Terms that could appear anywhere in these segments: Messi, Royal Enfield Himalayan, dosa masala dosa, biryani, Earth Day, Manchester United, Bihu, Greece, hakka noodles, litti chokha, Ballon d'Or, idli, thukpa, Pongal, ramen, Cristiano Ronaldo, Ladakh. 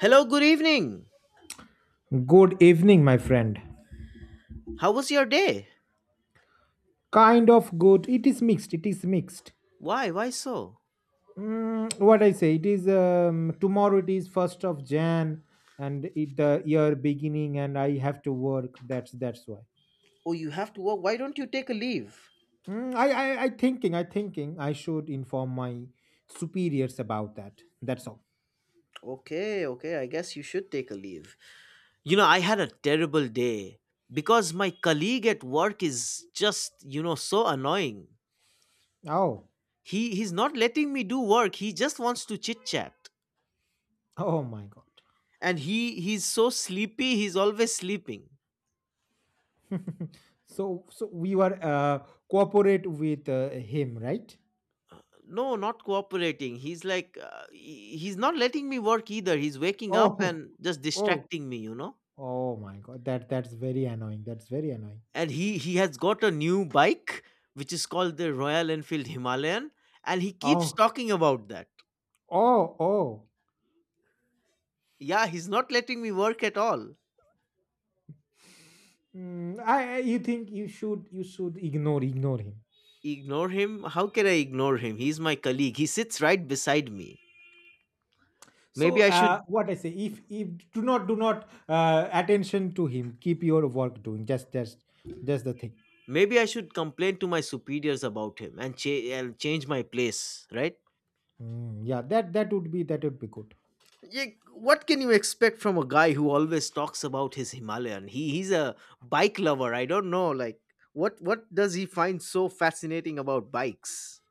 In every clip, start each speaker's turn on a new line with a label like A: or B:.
A: Hello, good evening.
B: Good evening, my friend.
A: How was your day?
B: Kind of good. It is mixed. It is mixed.
A: Why? Why so?
B: What I say, it is tomorrow. It is first of Jan, and it the year beginning, and I have to work. That's why.
A: Oh, you have to work. Why don't you take a leave?
B: Mm, I, I thinking. I thinking. I should inform my superiors about that. That's all.
A: Okay, okay. I guess you should take a leave. You know, I had a terrible day because my colleague at work is just, so annoying.
B: Oh
A: He's not letting me do work. He just wants to chit-chat.
B: oh my God.
A: And he's so sleepy. He's always sleeping.
B: So we were cooperate with him, right?
A: No, not cooperating. He's like he's not letting me work either. He's waking up
B: Oh
A: and just
B: oh
A: distracting me, you know?
B: oh my God. That's very annoying. That's very annoying.
A: And he has got a new bike, which is called the Royal Enfield Himalayan, and he keeps
B: Oh,
A: talking about that.
B: oh, oh.
A: Yeah, he's not letting me work at all.
B: You think you should ignore him.
A: Ignore him? How can I ignore him? He's my colleague. He sits right beside me.
B: So
A: Maybe I should
B: what I say, if do not attention to him. Keep your work doing. Just the thing.
A: Maybe I should complain to my superiors about him, and change my place, right?
B: Yeah, that would be good.
A: Yeah, what can you expect from a guy who always talks about his Himalayan? He's a bike lover. I don't know, like what does he find so fascinating about bikes?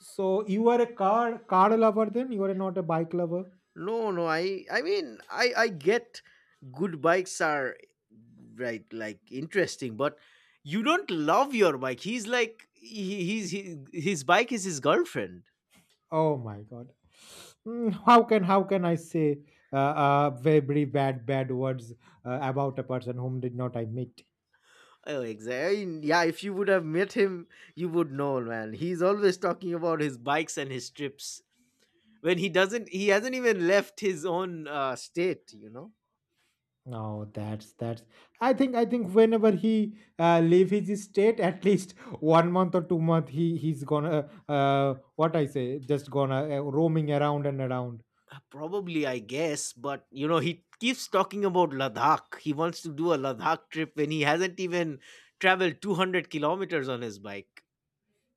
B: So you are a car lover, then you are not a bike lover.
A: No, no, I mean I get good bikes are, right, like, interesting, but you don't love your bike. He's like his bike is his girlfriend.
B: Oh my God. How can I say uh, very bad words about a person whom did not I meet?
A: Oh, exactly. Yeah, if you would have met him, you would know, man. He's always talking about his bikes and his trips when he doesn't. He hasn't even left his own state.
B: No, that's. I think whenever he leave his state, at least one month or 2 month, he's gonna what I say, just gonna roaming around and around.
A: Probably, I guess, but he keeps talking about Ladakh. He wants to do a Ladakh trip when he hasn't even traveled 200 kilometers on his bike.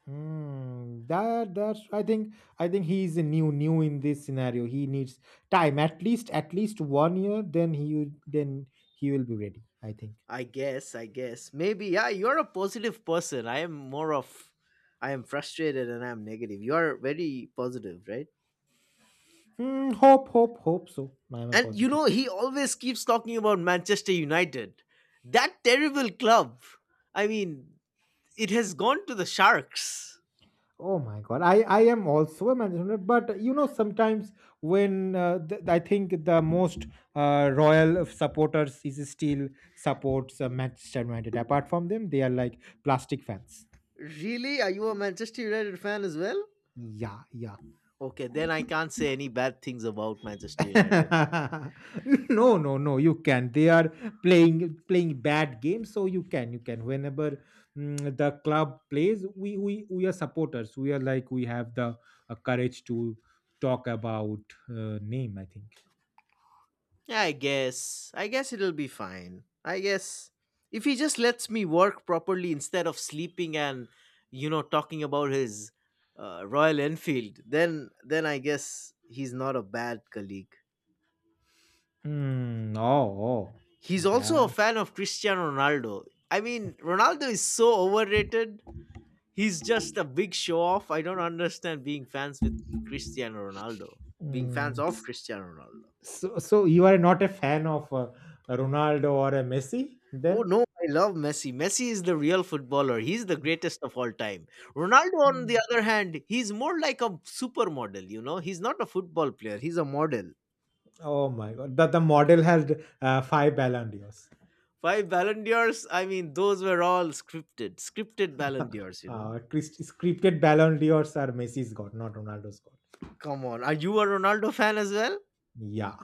B: Hmm. That's. I think he's new in this scenario. He needs time, at least one year. Then he will be ready. I think.
A: I guess, I guess. Maybe, yeah, you're a positive person. I am frustrated, and I'm negative. You are very positive, right?
B: Hmm, hope so. I am a
A: And
B: positive.
A: he always keeps talking about Manchester United, that terrible club. I mean, it has gone to the Sharks.
B: Oh my God. I am also a manager, but sometimes when I think the most royal of supporters is still supports Manchester United. Apart from them, they are like plastic fans.
A: Really? Are you a Manchester United fan as well?
B: Yeah, yeah.
A: Okay, then I can't say any bad things about Manchester United.
B: No, no, no. You can. They are playing bad games, so you can. Whenever the club plays, we are supporters. We are like we have the courage to talk about name. I think.
A: Yeah, I guess. I guess it'll be fine. I guess if he just lets me work properly instead of sleeping and talking about his Royal Enfield, then I guess he's not a bad colleague.
B: Hmm. Oh, oh,
A: He's also
B: that.
A: a fan of Cristiano Ronaldo. I mean, Ronaldo is so overrated. He's just a big show off. I don't understand being fans with Cristiano Ronaldo. Being fans
B: Mm,
A: of
B: s-
A: Cristiano Ronaldo.
B: so you are not a fan of Ronaldo or a Messi,
A: Oh
B: then?
A: no, I love Messi. Messi is the real footballer. He's the greatest of all time. Ronaldo, on the
B: Mm.
A: other hand, he's more like a supermodel, you know? He's not a football player, he's a model.
B: Oh my God, that the model has five Ballon d'Ors.
A: Five Ballon d'Ors, I mean, those were all scripted, scripted Ballon d'Ors, you know?
B: Scripted Ballon d'Ors are Messi's got, not Ronaldo's got.
A: Come on. Are you a Ronaldo fan as well?
B: Yeah.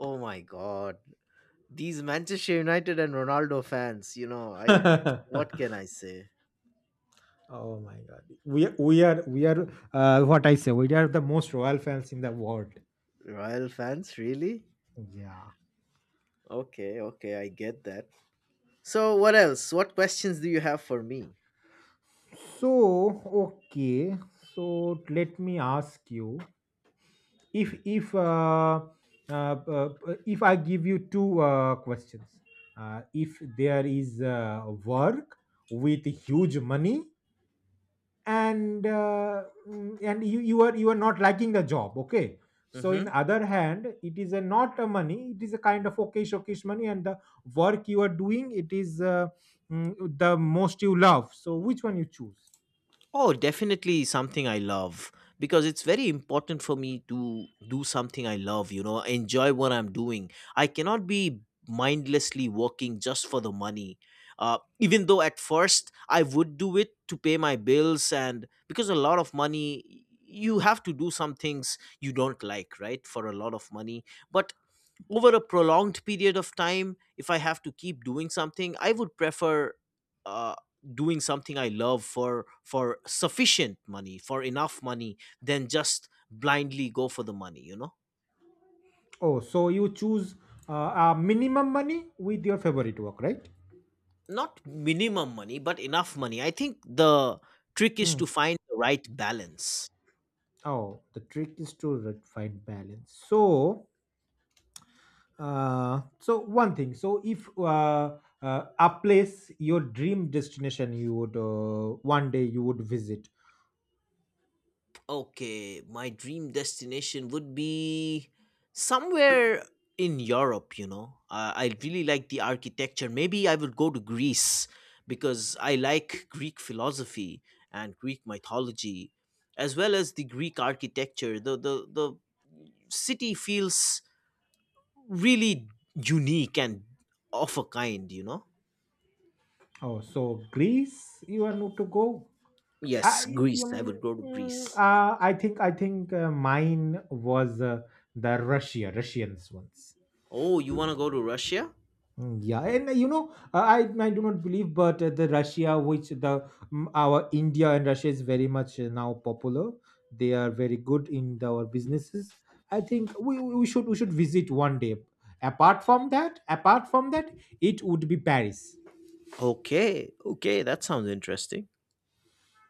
A: Oh my god. These Manchester United and Ronaldo fans, you know, I what can I say?
B: Oh my God, we are what I say. We are the most royal fans in the world.
A: Royal fans, really?
B: Yeah.
A: Okay, okay, I get that. So, what else? What questions do you have for me?
B: So okay. So let me ask you. if if uh, uh, uh, if I give you two questions. If there is work with huge money, and you are not liking the job, okay, so
A: Mm-hmm.
B: in other hand it is a not a money, it is a kind of okay showcase money, and the work you are doing, it is the most you love, so which one you choose?
A: Oh, definitely something I love, because it's very important for me to do something I love, enjoy what I'm doing. I cannot be mindlessly working just for the money. Even though at first I would do it to pay my bills, and because a lot of money, you have to do some things you don't like, right? For a lot of money. But over a prolonged period of time, if I have to keep doing something, I would prefer uh, doing something I love, for sufficient money, for enough money, than just blindly go for the money.
B: Oh, so you choose uh, minimum money with your favorite work, right?
A: Not minimum money, but enough money. I think the trick is
B: Hmm.
A: to find the right balance.
B: Oh, the trick is to find balance. So, so one thing. So, if a place, your dream destination, you would one day you would visit.
A: Okay, my dream destination would be somewhere in Europe. I really like the architecture. Maybe I would go to Greece, because I like Greek philosophy and Greek mythology, as well as the Greek architecture. The city feels really unique and of a kind.
B: Oh, so Greece, you want to go?
A: Yes,
B: I,
A: Greece. I
B: um,
A: would go to
B: mm,
A: Greece.
B: uh, I think, I think mine was the Russia, Russians ones.
A: Oh, you want to go to Russia?
B: Yeah, and I do not believe, but the Russia, which the our India and Russia is very much now popular. They are very good in our businesses. I think we should visit one day. Apart from that, it would be Paris.
A: Okay. Okay, that sounds interesting.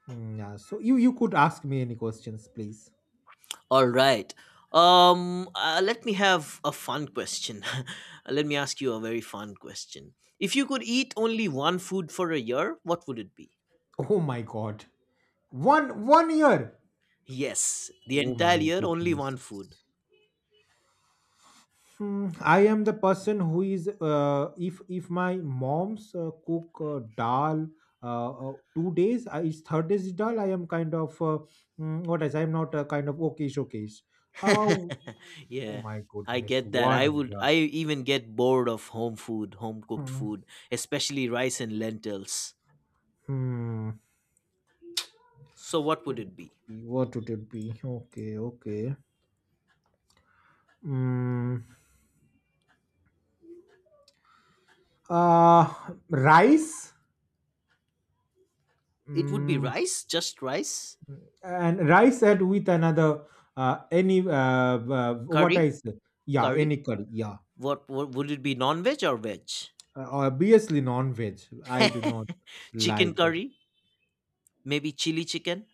B: Yeah. So you could ask me any questions, please.
A: All right. Let me have a fun question. Let me ask you a very fun question. If you could eat only one food for a year, what would it be?
B: Oh my God, one year.
A: Yes, the
B: Oh
A: entire
B: my
A: year, only one food.
B: goodness. Hmm, I am the person who is if my mom's cook dal 2 days, it's third days dal, I am kind of what is, I am not kind of okay showcase. Oh, oh
A: Yeah,
B: my
A: I
B: goodness,
A: get that.
B: one yeah.
A: I even get bored of home food, home cooked
B: Hmm.
A: food, especially rice and lentils.
B: Hmm.
A: So, what would
B: What
A: it
B: would
A: be?
B: be? What would it be? Okay, okay. Mm, uh, Rice.
A: It would be
B: Hmm,
A: rice, just rice,
B: and rice add with another any what I
A: curry,
B: say, yeah,
A: curry.
B: any curry, yeah.
A: What would it be, non veg or veg?
B: Obviously non-veg. I do not
A: Chicken
B: like the
A: curry? Maybe chili chicken?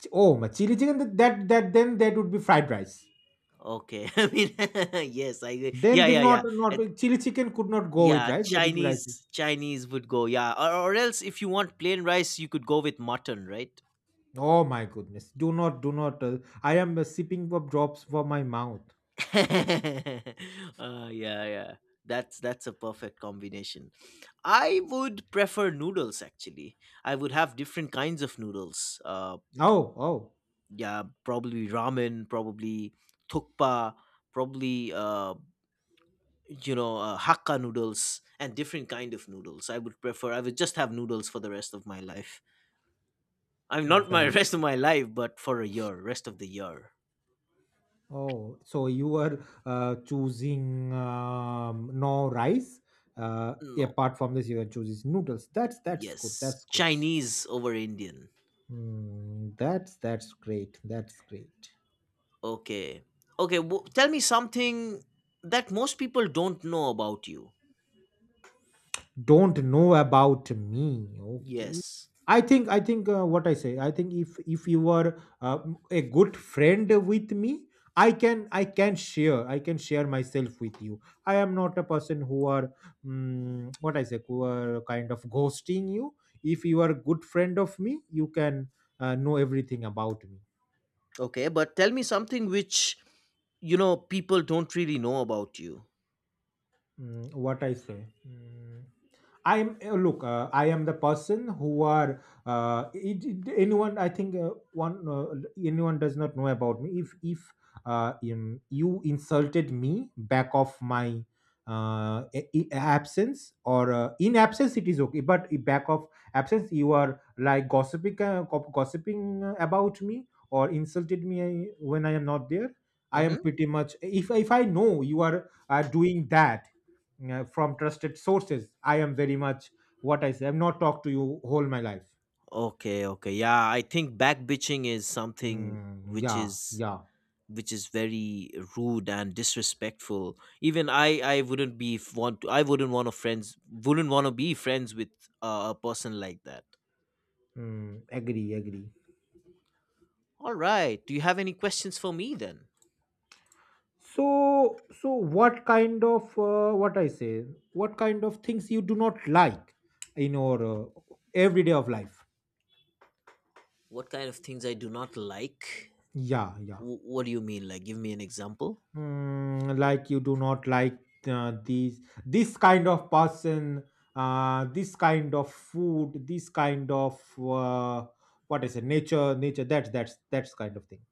B: oh, my chili chicken. Then that would be fried rice.
A: Okay. I mean, yes, I agree.
B: Then
A: Yeah,
B: the
A: yeah,
B: not
A: yeah.
B: not
A: And
B: chili chicken could not go with
A: yeah,
B: rice. That would be rice.
A: Chinese would go. Yeah. Or else, if you want plain rice, you could go with mutton, right?
B: Oh my goodness! Do not. I am sipping up drops for my mouth.
A: Yeah, yeah. That's a perfect combination. I would prefer noodles, actually. I would have different kinds of noodles.
B: Oh,
A: Yeah, probably ramen, probably thukpa, probably hakka noodles, and different kind of noodles. I would just have noodles for the rest of my life. I'm not my
B: that.
A: Rest of my life, but for a year, rest of the year.
B: Oh, so you were choosing no rice.
A: No,
B: Apart from this, you are choosing noodles. That's good.
A: yes,
B: That's good.
A: Chinese over Indian.
B: Hmm, that's great. That's great.
A: Okay. Okay, tell me something that most people don't know about you.
B: Don't know about me, okay.
A: Yes.
B: I think, what I say, I think if you are a good friend with me, I can share myself with you. I am not a person who are, what I say, who are kind of ghosting you. If you are a good friend of me, you can know everything about me.
A: Okay, but tell me something which people don't really know about you.
B: What I say. Mm. I am look. I am the person who are anyone. I think one anyone does not know about me. If you insulted me back of my absence or in absence, it is okay. But in back of absence, you are like gossiping about me or insulted me when I am not there. I am
A: Mhm.
B: pretty much, if I know you are doing that from trusted sources, I am very much, what I say, I've not talked to you whole my life.
A: Okay, okay. Yeah, I think back bitching is something which
B: Yeah,
A: is
B: yeah.
A: which is very rude and disrespectful. Even I wouldn't want to, I wouldn't want to friends wouldn't want to be friends with a person like that.
B: Agree, agree.
A: All right. Do you have any questions for me then?
B: So so what kind of what I say, what kind of things you do not like in your everyday of life?
A: What kind of things I do not like?
B: Yeah, yeah.
A: What do you mean? Like, give me an example?
B: Like, you do not like these this kind of person, this kind of food, this kind of uh, what is it, nature, that's kind of thing.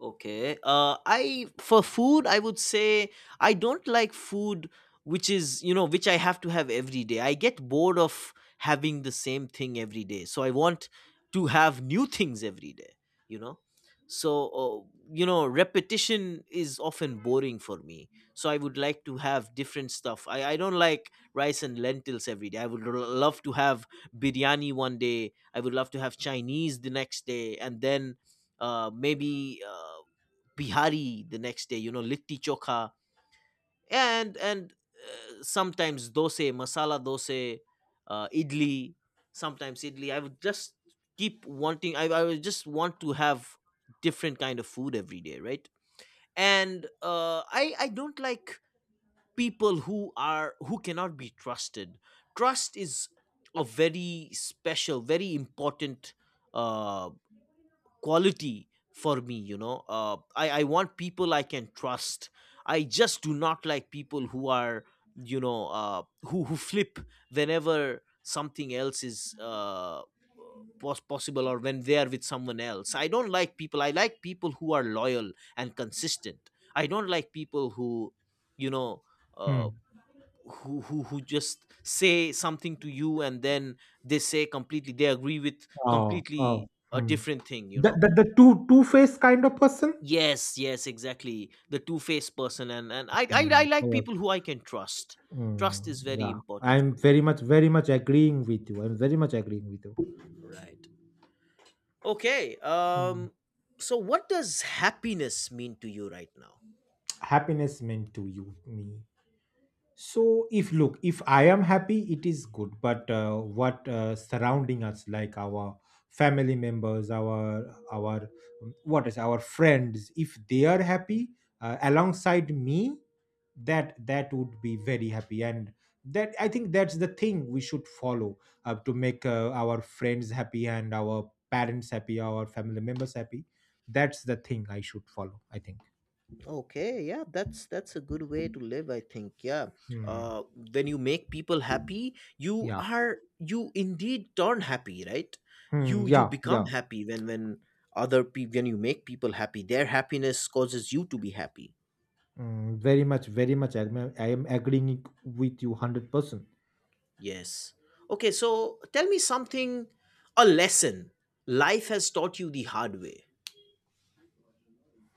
A: Okay. I for food, I would say I don't like food which is which I have to have every day. I get bored of having the same thing every day, so I want to have new things every day. You know, so, repetition is often boring for me. So I would like to have different stuff. I don't like rice and lentils every day. I would love to have biryani one day. I would love to have Chinese the next day, and then maybe. Bihari the next day, litti chokha, and sometimes dosa, masala dosa, idli, sometimes idli. I would just keep wanting, I would just want to have different kind of food every day, right? And I don't like people who cannot be trusted. Trust is a very special, very important uh quality for me, I want people I can trust. I just do not like people who are you know who flip whenever something else is possible, or when they are with someone else. I don't like people, I like people who are loyal and consistent. I don't like people who you know
B: Hmm.
A: uh, who just say something to you, and then they say completely, they agree with
B: Oh,
A: completely
B: oh.
A: a
B: Hmm.
A: different thing you
B: the,
A: know
B: the, the two faced kind of person.
A: Yes, yes, exactly. The two-faced person, and I like
B: Yes.
A: people who I can trust. Trust
B: Mm,
A: is very
B: yeah.
A: important
B: I'm
A: for me.
B: very much, very much agreeing with you. I'm very much agreeing with you.
A: Right. Okay.
B: Mm,
A: So, what does happiness mean to you right now?
B: Happiness meant to you me? So, if look, if I am happy, it is good. But what surrounding us, like our family members, our what is, our friends, if they are happy alongside me, that would be very happy, and that I think that's the thing we should follow, to make our friends happy, and our parents happy, our family members happy. That's the thing I should follow, I think.
A: Okay, yeah, that's a good way to live, I think. Yeah.
B: Hmm.
A: Uh when you make people happy,
B: Yeah.
A: you indeed turn happy, right?
B: Hmm,
A: You
B: yeah,
A: become
B: yeah.
A: happy when you make people happy, their happiness causes you to be happy.
B: Very much, very much. I am agreeing with you 100%.
A: Yes. Okay, so tell me something, a lesson life has taught you the hard way.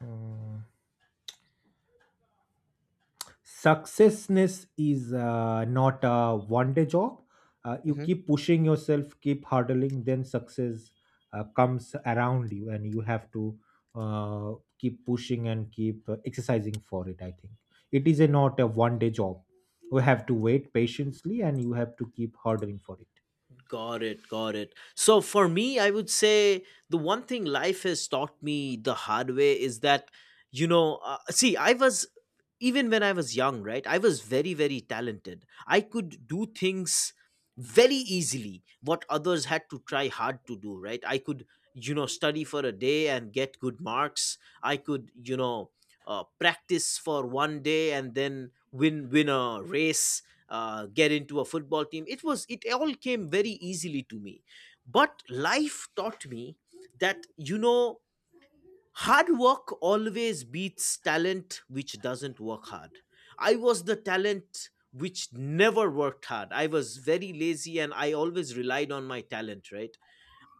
B: Mm, Successness is not a one day job. You keep pushing yourself, keep hurdling, then success comes around you, and you have to uh, keep pushing and keep exercising for it. I think it is a, not a one day job. You have to wait patiently and you have to keep hurdling for it.
A: Got it, got it. So for me, I would say the one thing life has taught me the hard way is that, see, I was even when I was young, right? I was very, very talented. I could do things very easily, what others had to try hard to do, right? I could, study for a day and get good marks. I could, practice for one day, and then win a race, get into a football team. It all came very easily to me. But life taught me that, hard work always beats talent which doesn't work hard. I was the talent which never worked hard. I was very lazy, and I always relied on my talent, right?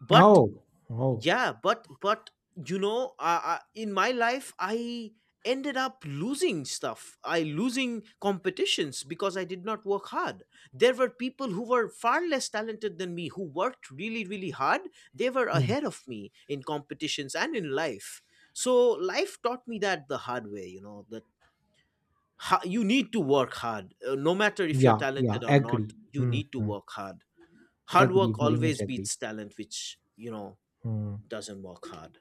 A: But
B: Oh, oh,
A: yeah, but in my life, I ended up losing stuff, I losing competitions, because I did not work hard. There were people who were far less talented than me who worked really, really hard. They were
B: mm.
A: ahead of me in competitions and in life. So life taught me that the hard way, that you need to work hard. No matter if you're
B: yeah, yeah,
A: talented or not,
B: agree.
A: you
B: Mm,
A: need to
B: mm.
A: work hard. Hard work
B: Agree, very
A: always
B: much agree.
A: beats talent which,
B: Hmm.
A: doesn't work hard.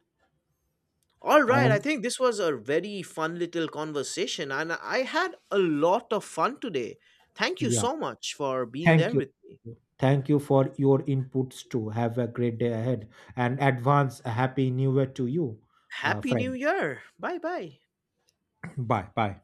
A: All
B: I
A: right, I
B: am,
A: think this was a very fun little conversation, and I had a lot of fun today. Thank you
B: yeah.
A: so much for being
B: Thank
A: there
B: you.
A: with me.
B: Thank you for your inputs too. Have a great day ahead and advance a happy new year to you,
A: Happy New
B: friend.
A: Year! Bye bye.
B: Bye. Bye.